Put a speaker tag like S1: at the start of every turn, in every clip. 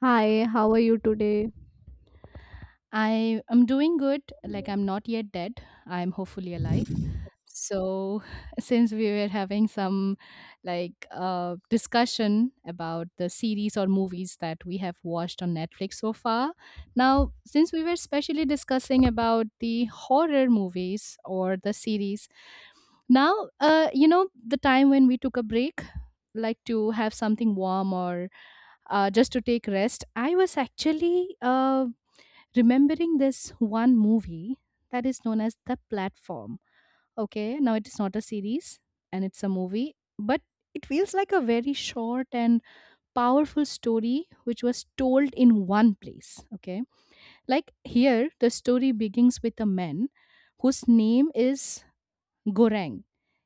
S1: Hi, how are you today?
S2: I am doing good. Like I'm not yet dead. I'm hopefully alive. So since we were having some discussion about the series or movies that we have watched on Netflix so far, now since we were specially discussing about the horror movies or the series, now you know the time when we took a break, like to have something warm or just to take rest. I was actually remembering this one movie that is known as The Platform. Okay, now it is not a series and it's a movie, but it feels like a very short and powerful story which was told in one place. Okay, like here, the story begins with a man whose name is Gorang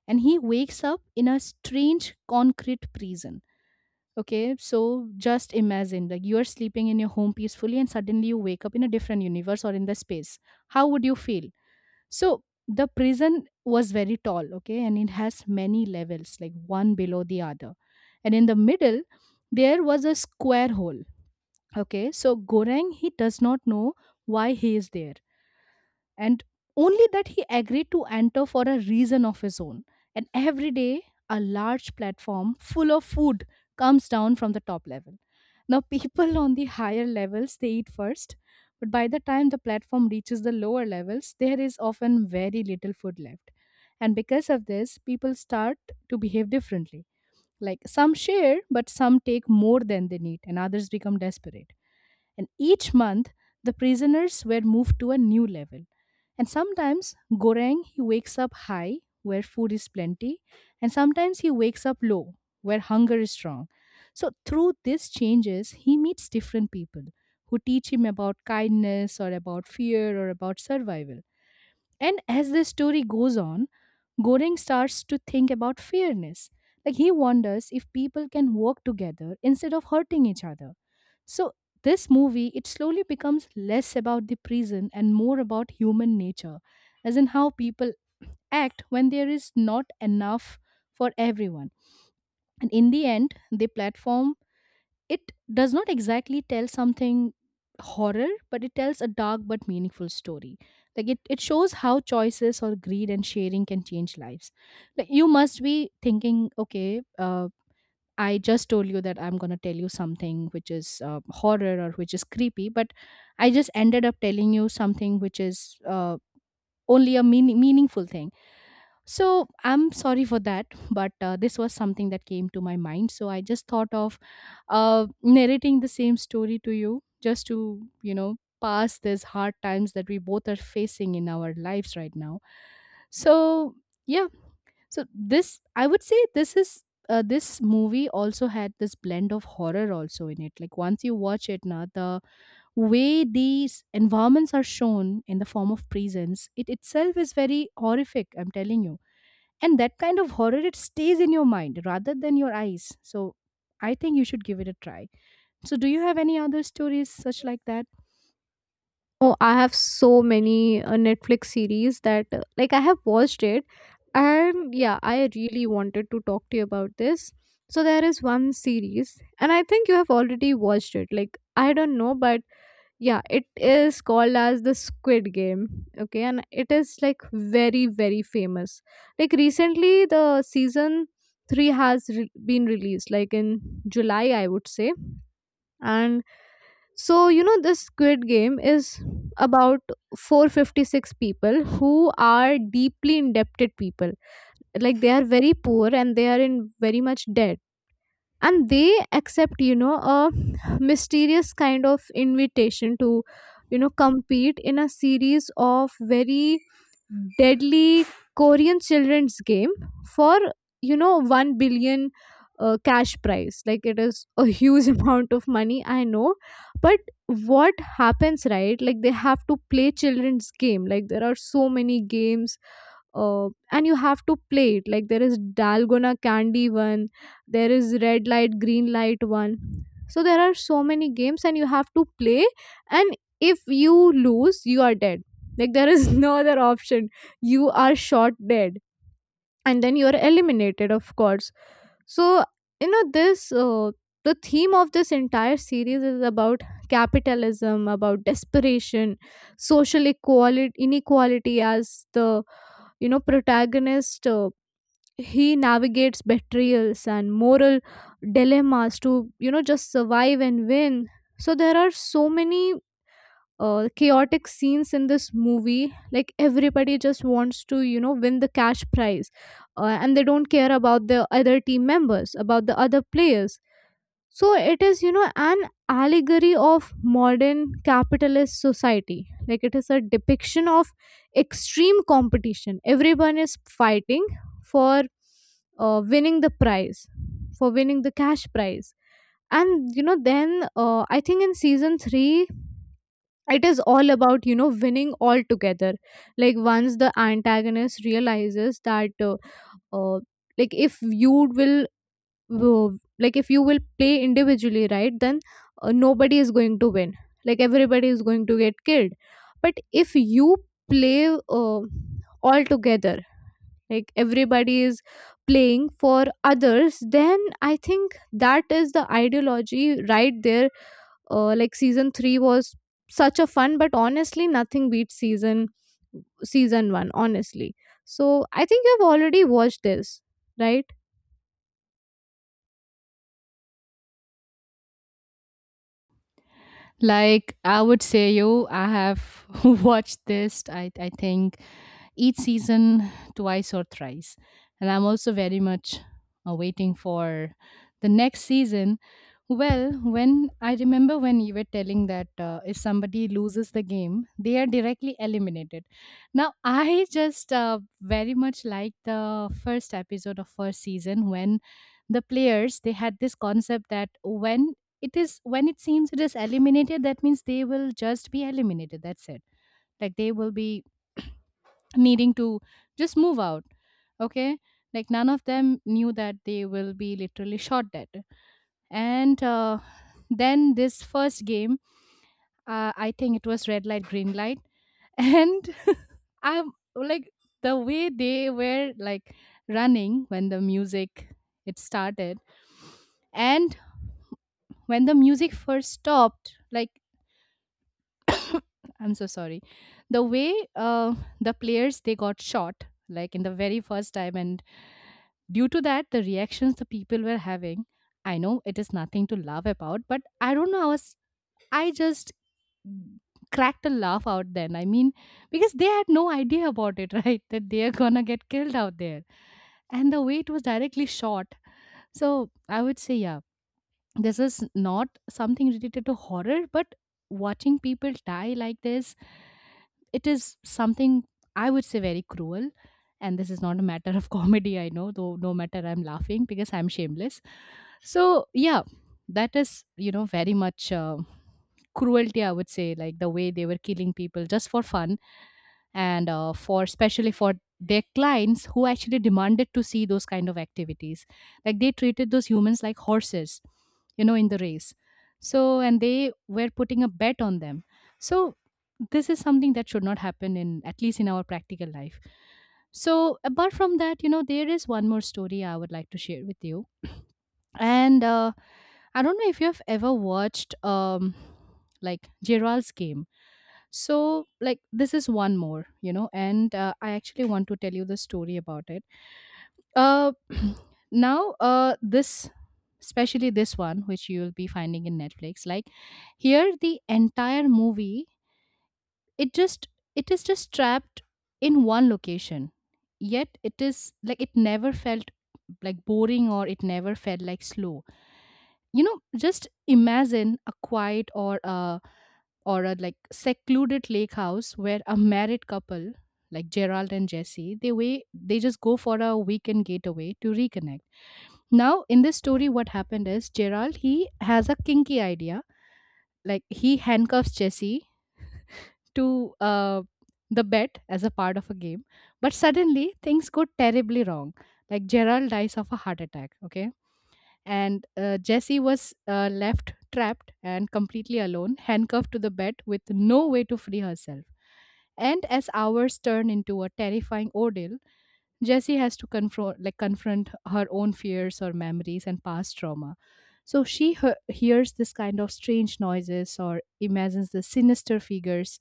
S2: and he wakes up in a strange concrete prison. Okay, so just imagine like you are sleeping in your home peacefully and suddenly you wake up in a different universe or in the space. How would you feel? So the prison was very tall, okay, and it has many levels, like one below the other. And in the middle, there was a square hole. Okay, so Gorang, he does not know why he is there and only that he agreed to enter for a reason of his own. And every day, a large platform full of food comes down from the top level. Now, people on the higher levels they eat first, but by the time the platform reaches the lower levels, there is often very little food left. And because of this, people start to behave differently. Like some share, but some take more than they need, and others become desperate. And each month, the prisoners were moved to a new level. And sometimes Goreng he wakes up high where food is plenty, and sometimes he wakes up low where hunger is strong. So through these changes, he meets different people who teach him about kindness or about fear or about survival. And as the story goes on, Goreng starts to think about fairness. Like he wonders if people can work together instead of hurting each other. So this movie it slowly becomes less about the prison and more about human nature, as in how people act when there is not enough for everyone. And in the end, the platform it does not exactly tell something horror, but it tells a dark but meaningful story. Like it shows how choices or greed and sharing can change lives. Like you must be thinking, okay, I just told you that I'm going to tell you something which is horror or which is creepy, but I just ended up telling you something which is only a meaningful thing, so I'm sorry for that, but this was something that came to my mind. So I just thought of narrating the same story to you just to, you know, pass these hard times that we both are facing in our lives right now. So, yeah. So this, I would say this is. This movie also had this blend of horror also in it. Like once you watch it, now the way these environments are shown in the form of prisons, it itself is very horrific, I'm telling you. And that kind of horror, it stays in your mind rather than your eyes. So I think you should give it a try. So do you have any other stories such like that?
S1: Oh, I have so many Netflix series that like I have watched it and yeah, I really wanted to talk to you about this. So there is one series and I think you have already watched it. Like I don't know, but yeah, it is called as the Squid Game. Okay, and it is like very very famous. Like recently the season 3 has been released like in July I would say. And so, you know, this Squid Game is about 456 people who are deeply indebted people. Like, they are very poor and they are in very much debt and they accept, you know, a mysterious kind of invitation to, you know, compete in a series of very deadly Korean children's game for, you know, 1 billion cash prize. Like it is a huge amount of money, I know. But what happens, right? Like they have to play children's game. Like there are so many games, and you have to play it. Like there is dalgona candy one, there is red light green light one. So there are so many games and you have to play, and if you lose, you are dead. Like there is no other option. You are shot dead and then you are eliminated, of course. So, you know, this the theme of this entire series is about capitalism, about desperation, social equality, inequality. As the, you know, protagonist, he navigates betrayals and moral dilemmas to, you know, just survive and win. So there are so many chaotic scenes in this movie. Like everybody just wants to, you know, win the cash prize, and they don't care about the other team members, about the other players. So it is, you know, an allegory of modern capitalist society. Like it is a depiction of extreme competition. Everyone is fighting for winning the prize, for winning the cash prize. And, you know, then I think in season three, it is all about, you know, winning all together. Like once the antagonist realizes that, uh, like, if you will like if you will play individually, right? Then nobody is going to win. Like everybody is going to get killed. But if you play all together, like everybody is playing for others, then I think that is the ideology right there. Like season 3 was such a fun, but honestly nothing beats season 1, honestly. So I think you've already watched this, right?
S2: Like I would say you, I have watched this. I think each season twice or thrice. And I'm also very much waiting for the next season. Well, when I remember when you were telling that if somebody loses the game, they are directly eliminated. Now, I just very much like the first episode of first season, when the players they had this concept that when it seems it is eliminated, that means they will just be eliminated. That's it. Like they will be needing to just move out. Okay, like none of them knew that they will be literally shot dead. And then this first game, I think it was red light green light. And I'm like, the way they were like running when the music it started, and when the music first stopped, like I'm so sorry. The way the players they got shot, like in the very first time, and due to that, the reactions the people were having. I know it is nothing to laugh about, but I don't know. I just cracked a laugh out then. I mean, because they had no idea about it, right? That they are gonna get killed out there, and the way it was directly shot. So I would say, yeah, this is not something related to horror, but watching people die like this, it is something I would say very cruel. And this is not a matter of comedy, I know, though no matter, I'm laughing because I'm shameless. So yeah, that is, you know, very much cruelty I would say, like the way they were killing people just for fun, and for especially for their clients who actually demanded to see those kind of activities. Like they treated those humans like horses, you know, in the race. So, and they were putting a bet on them. So this is something that should not happen in, at least in our practical life. So apart from that, you know, there is one more story I would like to share with you. And I don't know if you have ever watched like Gerald's Game. So like this is one more, you know. And I actually want to tell you the story about it. uh Now this, especially this one which you'll be finding in Netflix, like here the entire movie, it just it is just trapped in one location, yet it is like it never felt like boring or it never felt like slow. You know, just imagine a quiet or a like secluded lake house where a married couple like Gerald and Jesse, they way they just go for a weekend getaway to reconnect. Now in this story what happened is Gerald he has a kinky idea, like he handcuffs Jesse to the bed as a part of a game, but suddenly things go terribly wrong. Like Gerald dies of a heart attack, okay. And Jesse was left trapped and completely alone, handcuffed to the bed with no way to free herself. And as hours turned into a terrifying ordeal, Jessie has to confront her own fears or memories and past trauma. So she hears this kind of strange noises or imagines the sinister figures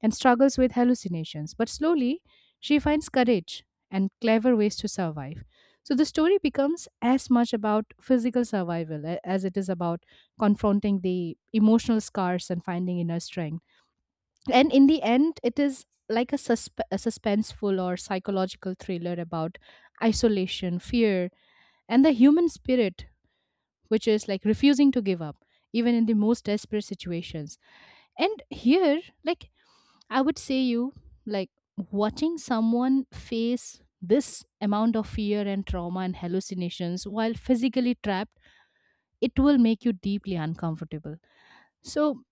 S2: and struggles with hallucinations. But slowly, she finds courage and clever ways to survive. So the story becomes as much about physical survival as it is about confronting the emotional scars and finding inner strength. And in the end, it is like a suspenseful or psychological thriller about isolation, fear, and the human spirit, which is like refusing to give up even in the most desperate situations. And here, like I would say you, like watching someone face this amount of fear and trauma and hallucinations while physically trapped, it will make you deeply uncomfortable. So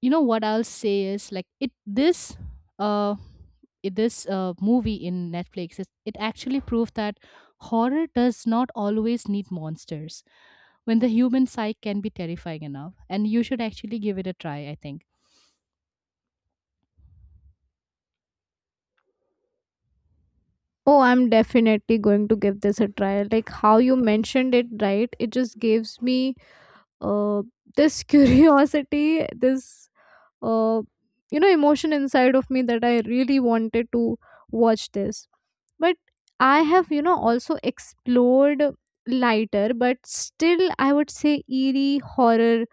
S2: you know what I'll say is like it this uh I- this movie in Netflix, it actually proved that horror does not always need monsters, when the human psyche can be terrifying enough. And you should actually give it a try, I think.
S1: Oh, I'm definitely going to give this a try. Like how you mentioned it, right? It just gives me uh this curiosity, this uh you know, emotion inside of me that I really wanted to watch this. But I have, you know, also explored lighter, but still I would say eerie horror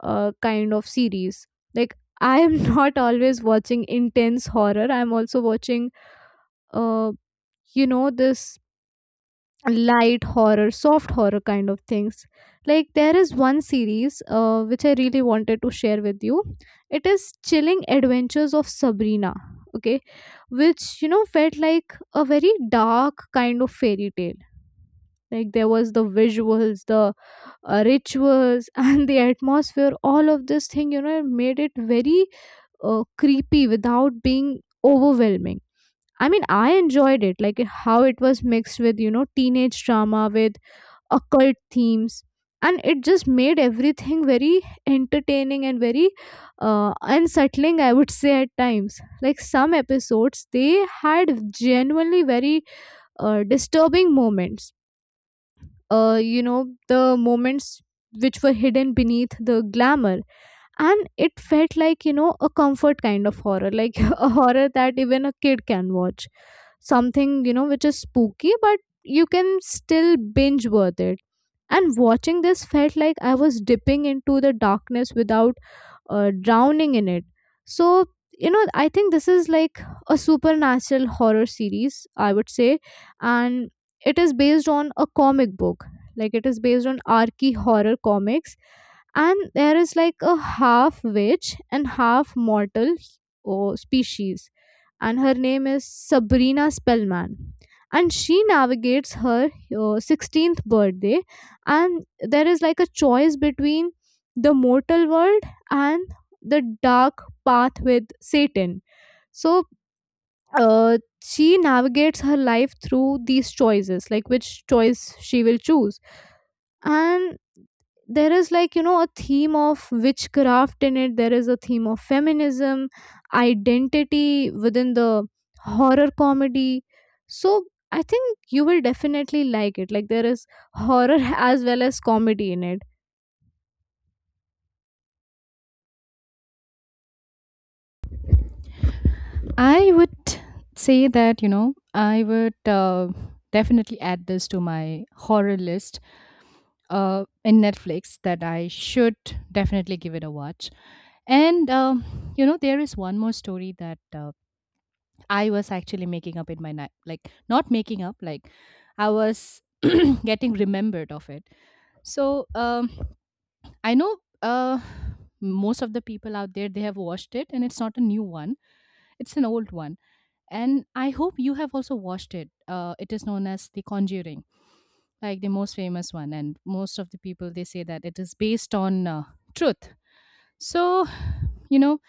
S1: kind of series. Like I am not always watching intense horror. I'm also watching uh you know, this light horror, soft horror kind of things. Like there is one series which I really wanted to share with you. It is Chilling Adventures of Sabrina, okay, which, you know, felt like a very dark kind of fairy tale. Like there was the visuals, the rituals, and the atmosphere. All of this thing, you know, it made it very creepy without being overwhelming. I mean, I enjoyed it, like how it was mixed with, you know, teenage drama with occult themes, and it just made everything very entertaining and very unsettling, I would say, at times. Like some episodes they had genuinely very disturbing moments, you know, the moments which were hidden beneath the glamour. And it felt like, you know, a comfort kind of horror, like a horror that even a kid can watch, something, you know, which is spooky but you can still binge worth it. And watching this felt like I was dipping into the darkness without drowning in it. So, you know, I think this is like a supernatural horror series, I would say. And it is based on a comic book. Like it is based on Archie horror comics, and there is like a half witch and half mortal species, and her name is Sabrina Spellman. And she navigates her 16th birthday, and there is like a choice between the mortal world and the dark path with Satan. So uh, she navigates her life through these choices, like which choice she will choose. And there is like, you know, a theme of witchcraft in it. There is a theme of feminism, identity within the horror comedy. So I think you will definitely like it. Like there is horror as well as comedy in it.
S2: I would say that you know I would definitely add this to my horror list in Netflix that I should definitely give it a watch. And you know there is one more story that I was actually making up in my night, like not making up, like I was getting remembered of it. So I know most of the people out there they have watched it, and it's not a new one; it's an old one. And I hope you have also watched it. It is known as The Conjuring, like the most famous one, and most of the people they say that it is based on truth. So, you know,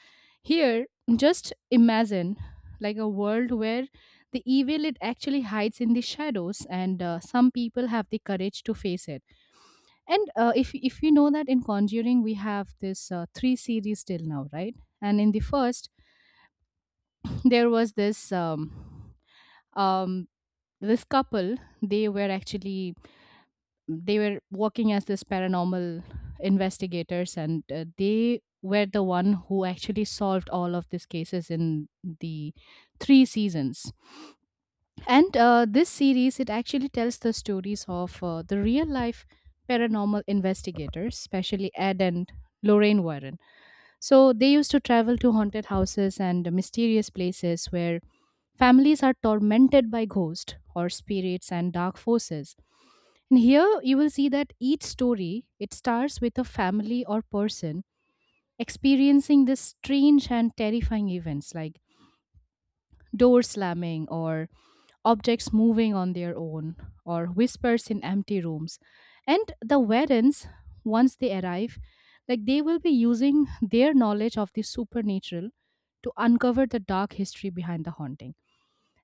S2: here, just imagine like a world where the evil it actually hides in the shadows, and some people have the courage to face it. And if you know that in Conjuring we have this three series till now, right? And in the first, there was this um, this couple. They were actually they were working as this paranormal investigators and they were the one who actually solved all of these cases in the three seasons. And this series it actually tells the stories of the real life paranormal investigators, especially Ed and Lorraine Warren. So they used to travel to haunted houses and mysterious places where families are tormented by ghosts or spirits and dark forces. And here you will see that each story it starts with a family or person experiencing this strange and terrifying events, like doors slamming or objects moving on their own or whispers in empty rooms. And the Warrens, once they arrive, like they will be using their knowledge of the supernatural to uncover the dark history behind the haunting.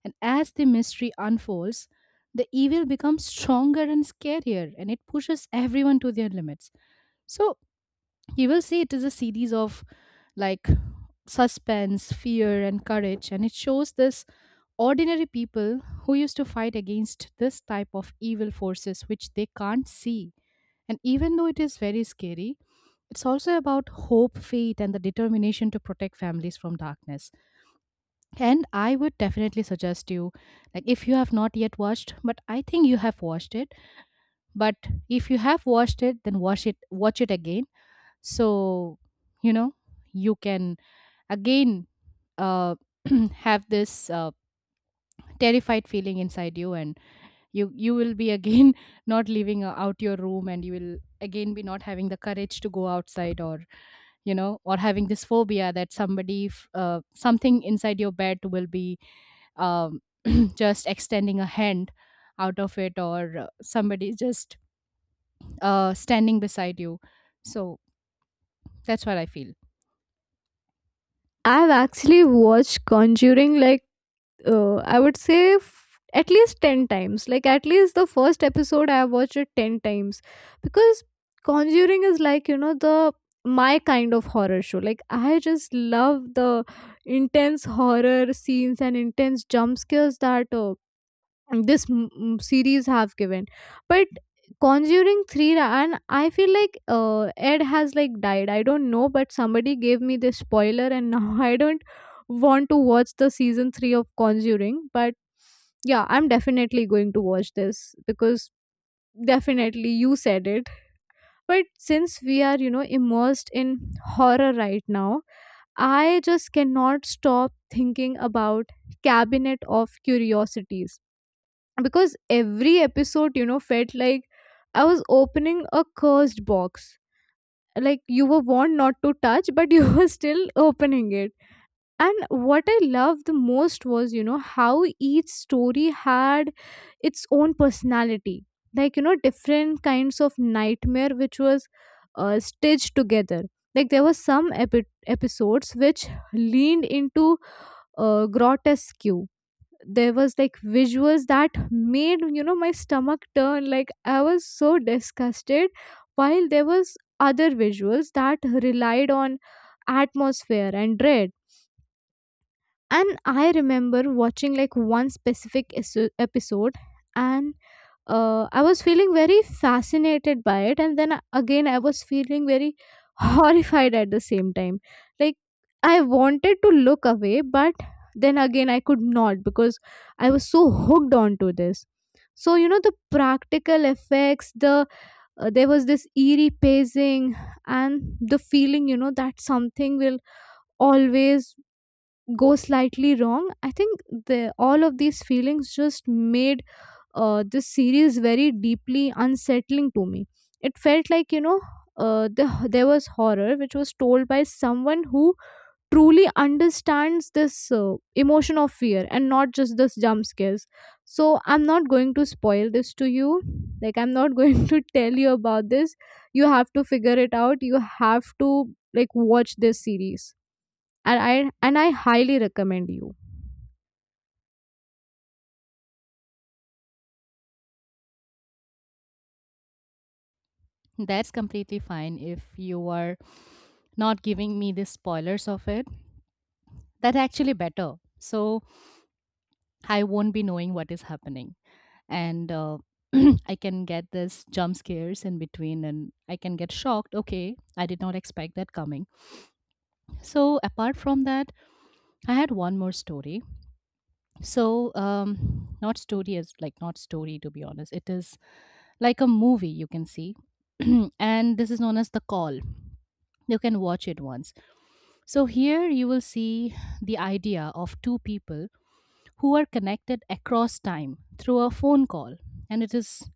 S2: And as the mystery unfolds, the evil becomes stronger and scarier and it pushes everyone to their limits. So you will see it is a series of, like, suspense, fear, and courage. And it shows this ordinary people who used to fight against this type of evil forces which they can't see. And even though it is very scary, it's also about hope, faith, and the determination to protect families from darkness. And I would definitely suggest you, like, if you have not yet watched, but I think you have watched it. But if you have watched it, then watch it again. So, you know, you can again uh, have this terrified feeling inside you, and you will be again not leaving out your room, and you will again be not having the courage to go outside, or or having this phobia that something inside your bed will be um, just extending a hand out of it, or somebody just standing beside you. So that's what I feel.
S1: I've actually watched Conjuring like, I would say at least 10 times. Like, at least the first episode, I have watched it 10 times. Because Conjuring is like, you know, the my kind of horror show. Like, I just love the intense horror scenes and intense jump scares that this series have given. But Conjuring 3, and I feel like Ed has like died, I don't know, but somebody gave me this spoiler, and now I don't want to watch the season 3 of Conjuring. But yeah, I'm definitely going to watch this because definitely you said it. But since we are, you know, immersed in horror right now, I just cannot stop thinking about Cabinet of Curiosities, because every episode, you know, felt like I was opening a cursed box. Like you were warned not to touch, but you were still opening it. And what I loved the most was, you know, how each story had its own personality, like, you know, different kinds of nightmare which was stitched together. Like there were some episodes which leaned into grotesque. There was like visuals that made, you know, my stomach turn. Like I was so disgusted, while there was other visuals that relied on atmosphere and dread. And I remember watching like one specific episode, and I was feeling very fascinated by it, and then again, I was feeling very horrified at the same time. Like, I wanted to look away, but then again, I could not because I was so hooked onto this. So, you know, the practical effects, there was this eerie pacing, and the feeling, you know, that something will always go slightly wrong. I think the all of these feelings just made this series very deeply unsettling to me. It felt like, you know, there was horror which was told by someone who truly understands this emotion of fear and not just this jump scares. So I'm not going to spoil this to you. Like, I'm not going to tell you about this. You have to figure it out. You have to, like, watch this series. And I highly recommend you.
S2: That's completely fine if you are not giving me the spoilers of it. That's actually better. So I won't be knowing what is happening, and I can get this jump scares in between and I can get shocked. Okay, I did not expect that coming. So apart from that, I had one more story. So, not story, is like not story, to be honest. It is like a movie you can see, and this is known as The Call. You can watch it once. So, here you will see the idea of two people who are connected across time through a phone call, and it is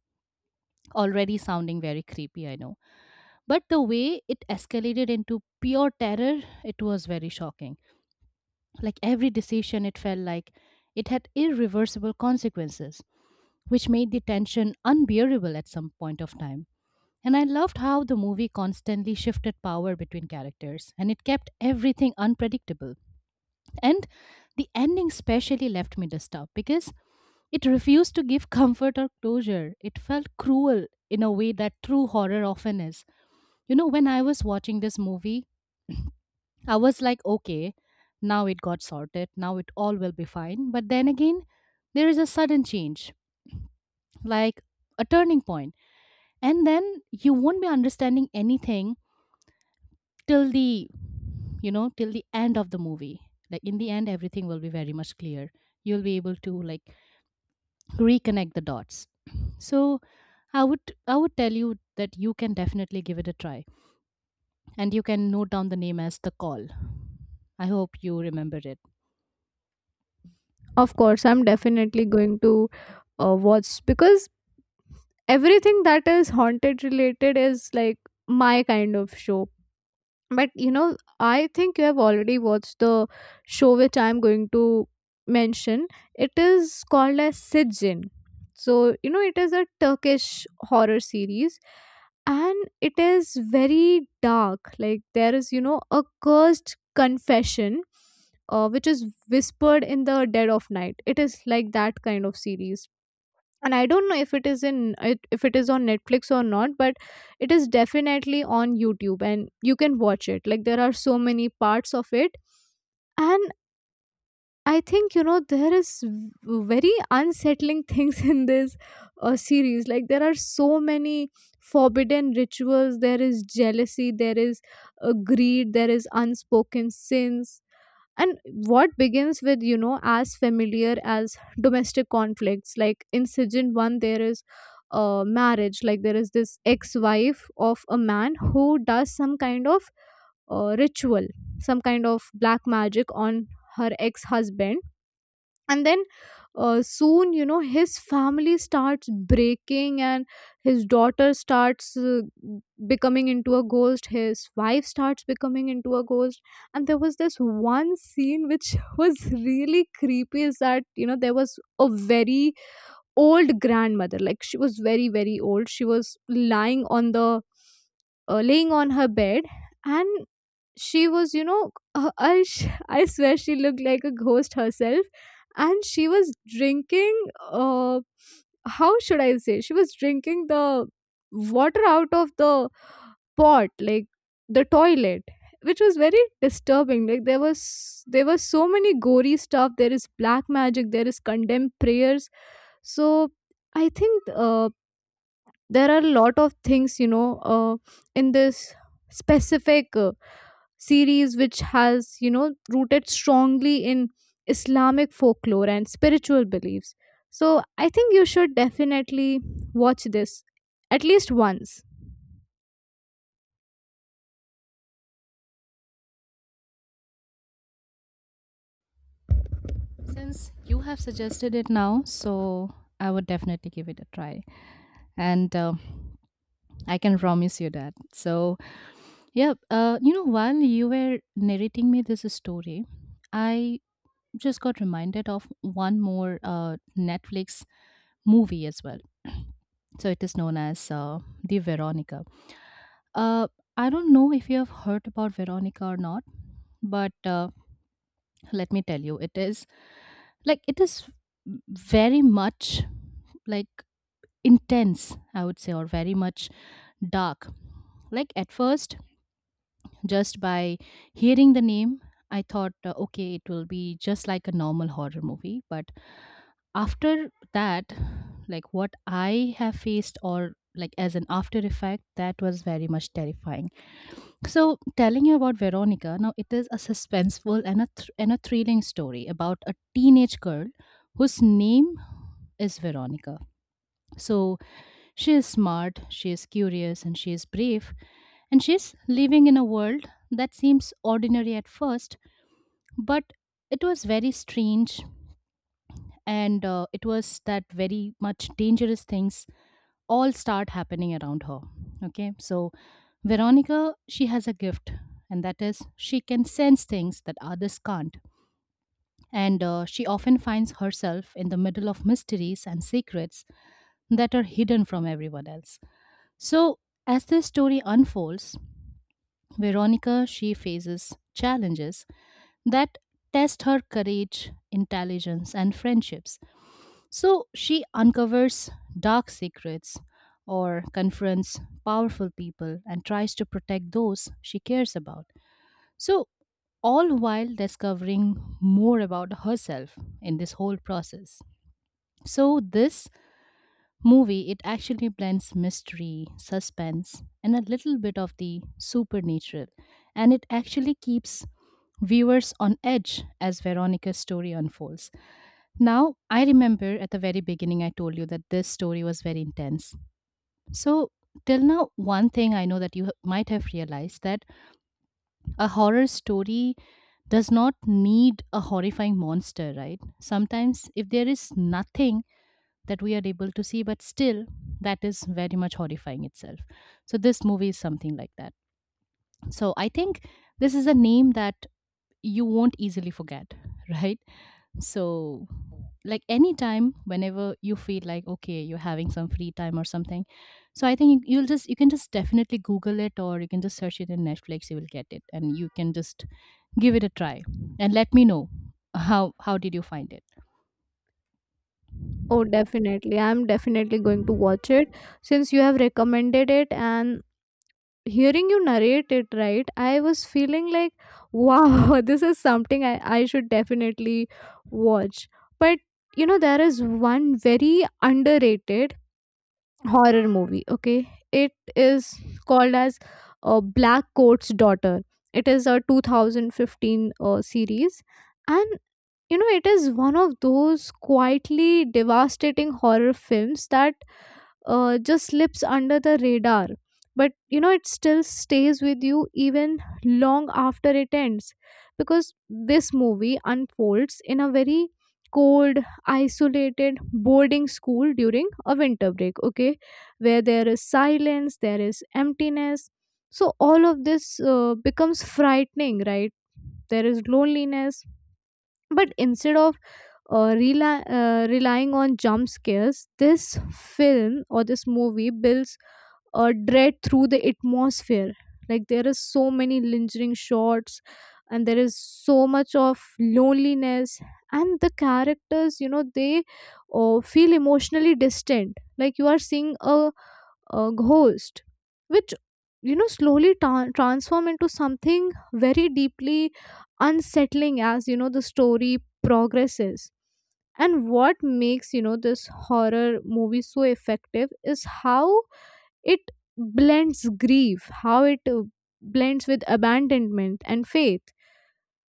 S2: already sounding very creepy, I know. But the way it escalated into pure terror, it was very shocking. Like every decision, it felt like it had irreversible consequences, which made the tension unbearable at some point of time. And I loved how the movie constantly shifted power between characters and it kept everything unpredictable. And the ending specially left me disturbed because it refused to give comfort or closure. It felt cruel in a way that true horror often is. You know, when I was watching this movie, I was like, okay, now it got sorted. Now it all will be fine. But then again, there is a sudden change, like a turning point. And then you won't be understanding anything till the, you know, till the end of the movie. Like in the end, everything will be very much clear. You'll be able to, like, reconnect the dots. So I would, I would tell you that you can definitely give it a try, and you can note down the name as The Call. I hope you remember it.
S1: Of course, I'm definitely going to watch because everything that is haunted related is like my kind of show. But you know, I think you have already watched the show which I'm going to mention. It is called as Sijin. So, you know, it is a Turkish horror series, and it is very dark. Like there is, you know, a cursed confession which is whispered in the dead of night. It is like that kind of series. And I don't know if it is in if it is on Netflix or not, but it is definitely on YouTube, and you can watch it. Like there are so many parts of it. And I think, you know, there is very unsettling things in this series. Like there are so many forbidden rituals, there is jealousy, there is greed, there is unspoken sins. And what begins with, you know, as familiar as domestic conflicts, like in season 1, there is a marriage. Like there is this ex-wife of a man who does some kind of ritual, some kind of black magic on her ex-husband. And then soon, you know, his family starts breaking, and his daughter starts becoming into a ghost, his wife starts becoming into a ghost. And there was this one scene which was really creepy, is that, you know, there was a very old grandmother. Like she was very very old, she was lying on the laying on her bed. And she was, you know, I swear she looked like a ghost herself. And she was drinking uh, how should I say she was drinking the water out of the pot, like the toilet, which was very disturbing. Like there were so many gory stuff, there is black magic, there is condemned prayers. So I think there are a lot of things, you know, in this specific series which has, you know, rooted strongly in Islamic folklore and spiritual beliefs. So I think you should definitely watch this at least once.
S2: Since you have suggested it now, so I would definitely give it a try. And I can promise you that. So, yeah, you know, while you were narrating me this story, I just got reminded of one more Netflix movie as well. So, it is known as The Veronica. Uh, I don't know if you have heard about Veronica or not, but let me tell you, it is like it is very much like intense, I would say, or very much dark. Like at first, just by hearing the name, I thought, okay, it will be just like a normal horror movie. But after that, like what I have faced, or like as an after effect, that was very much terrifying. So, telling you about Veronica, now it is a suspenseful and a, and a thrilling story about a teenage girl whose name is Veronica. So, she is smart, she is curious, and she is brave, and she's living in a world that seems ordinary at first, but it was very strange, and it was that very much dangerous things all start happening around her. Okay, so Veronica, she has a gift, and that is she can sense things that others can't. And she often finds herself in the middle of mysteries and secrets that are hidden from everyone else. So, as this story unfolds, Veronica she faces challenges that test her courage, intelligence, and friendships. So, she uncovers dark secrets or confronts powerful people and tries to protect those she cares about. So, all while discovering more about herself in this whole process. So, this movie, it actually blends mystery, suspense, and a little bit of the supernatural. And it actually keeps viewers on edge as Veronica's story unfolds. Now, I remember at the very beginning, I told you that this story was very intense. So, till now, one thing I know that you might have realized that a horror story does not need a horrifying monster, right? Sometimes, if there is nothing that we are able to see, but still that is very much horrifying itself. So this movie is something like that. So I think this is a name that you won't easily forget. Right? So like anytime whenever you feel like okay you're having some free time or something, so I think you can just definitely google it, or you can just search it in Netflix. You will get it and you can just give it a try and let me know how did you find it.
S1: Oh, definitely, I'm definitely going to watch it, since you have recommended it. And hearing you narrate it, right, I was feeling like, wow, this is something I should definitely watch. But you know, there is one very underrated horror movie. Okay, it is called as Black Coat's Daughter. It is a 2015 series. And you know, it is one of those quietly devastating horror films that just slips under the radar, but you know, it still stays with you even long after it ends. Because this movie unfolds in a very cold isolated boarding school during a winter break, okay, where there is silence, there is emptiness. So all of this becomes frightening, right? There is loneliness. But instead of relying on jump scares, this film or this movie builds a dread through the atmosphere. Like there is so many lingering shots, and there is so much of loneliness, and the characters, you know, they feel emotionally distant. Like you are seeing a ghost which, you know, slowly transform into something very deeply unsettling as, you know, the story progresses. And what makes, you know, this horror movie so effective is how it blends grief, how it blends with abandonment and faith.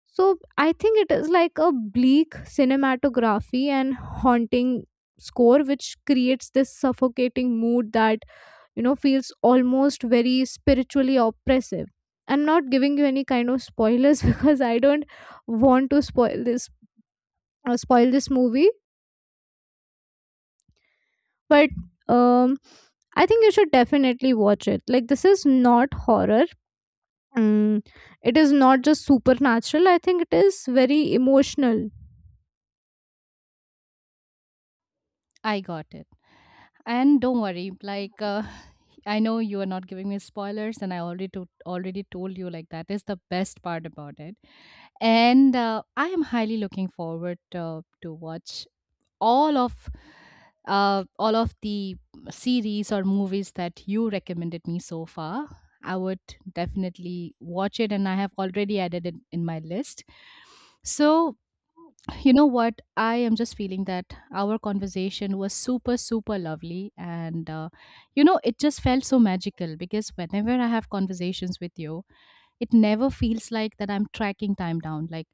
S1: So I think it is like a bleak cinematography and haunting score which creates this suffocating mood that, you know, feels almost very spiritually oppressive. I'm not giving you any kind of spoilers because I don't want to spoil this movie. But um I think you should definitely watch it. Like this is not horror, mm, it is not just supernatural, I think it is very emotional.
S2: I got it. And don't worry, like, I know you are not giving me spoilers, and I already already told you like that is the best part about it. And I am highly looking forward to watch all of all of the series or movies that you recommended me so far. I would definitely watch it, and I have already added it in my list. So you know what? I am just feeling that our conversation was super, super lovely. And, you know, it just felt so magical because whenever I have conversations with you, it never feels like that I'm tracking time down. Like,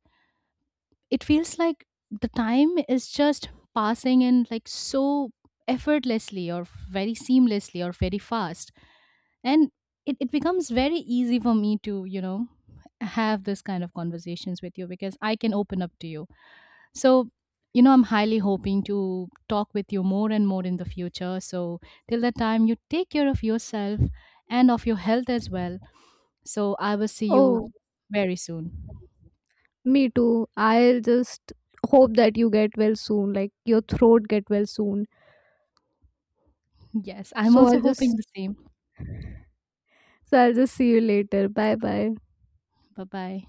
S2: it feels like the time is just passing in like so effortlessly or very seamlessly or very fast. And it becomes very easy for me to, you know, have this kind of conversations with you because I can open up to you. So, you know, I'm highly hoping to talk with you more and more in the future. So, till that time, you take care of yourself and of your health as well. So, I will see you
S1: Oh,
S2: very soon.
S1: me too, I'll just hope that you get well soon, like your throat get well soon.
S2: Yes, I'm
S1: So
S2: also
S1: I'll just,
S2: hoping the same.
S1: so I'll just see you later. Bye bye.
S2: Bye bye.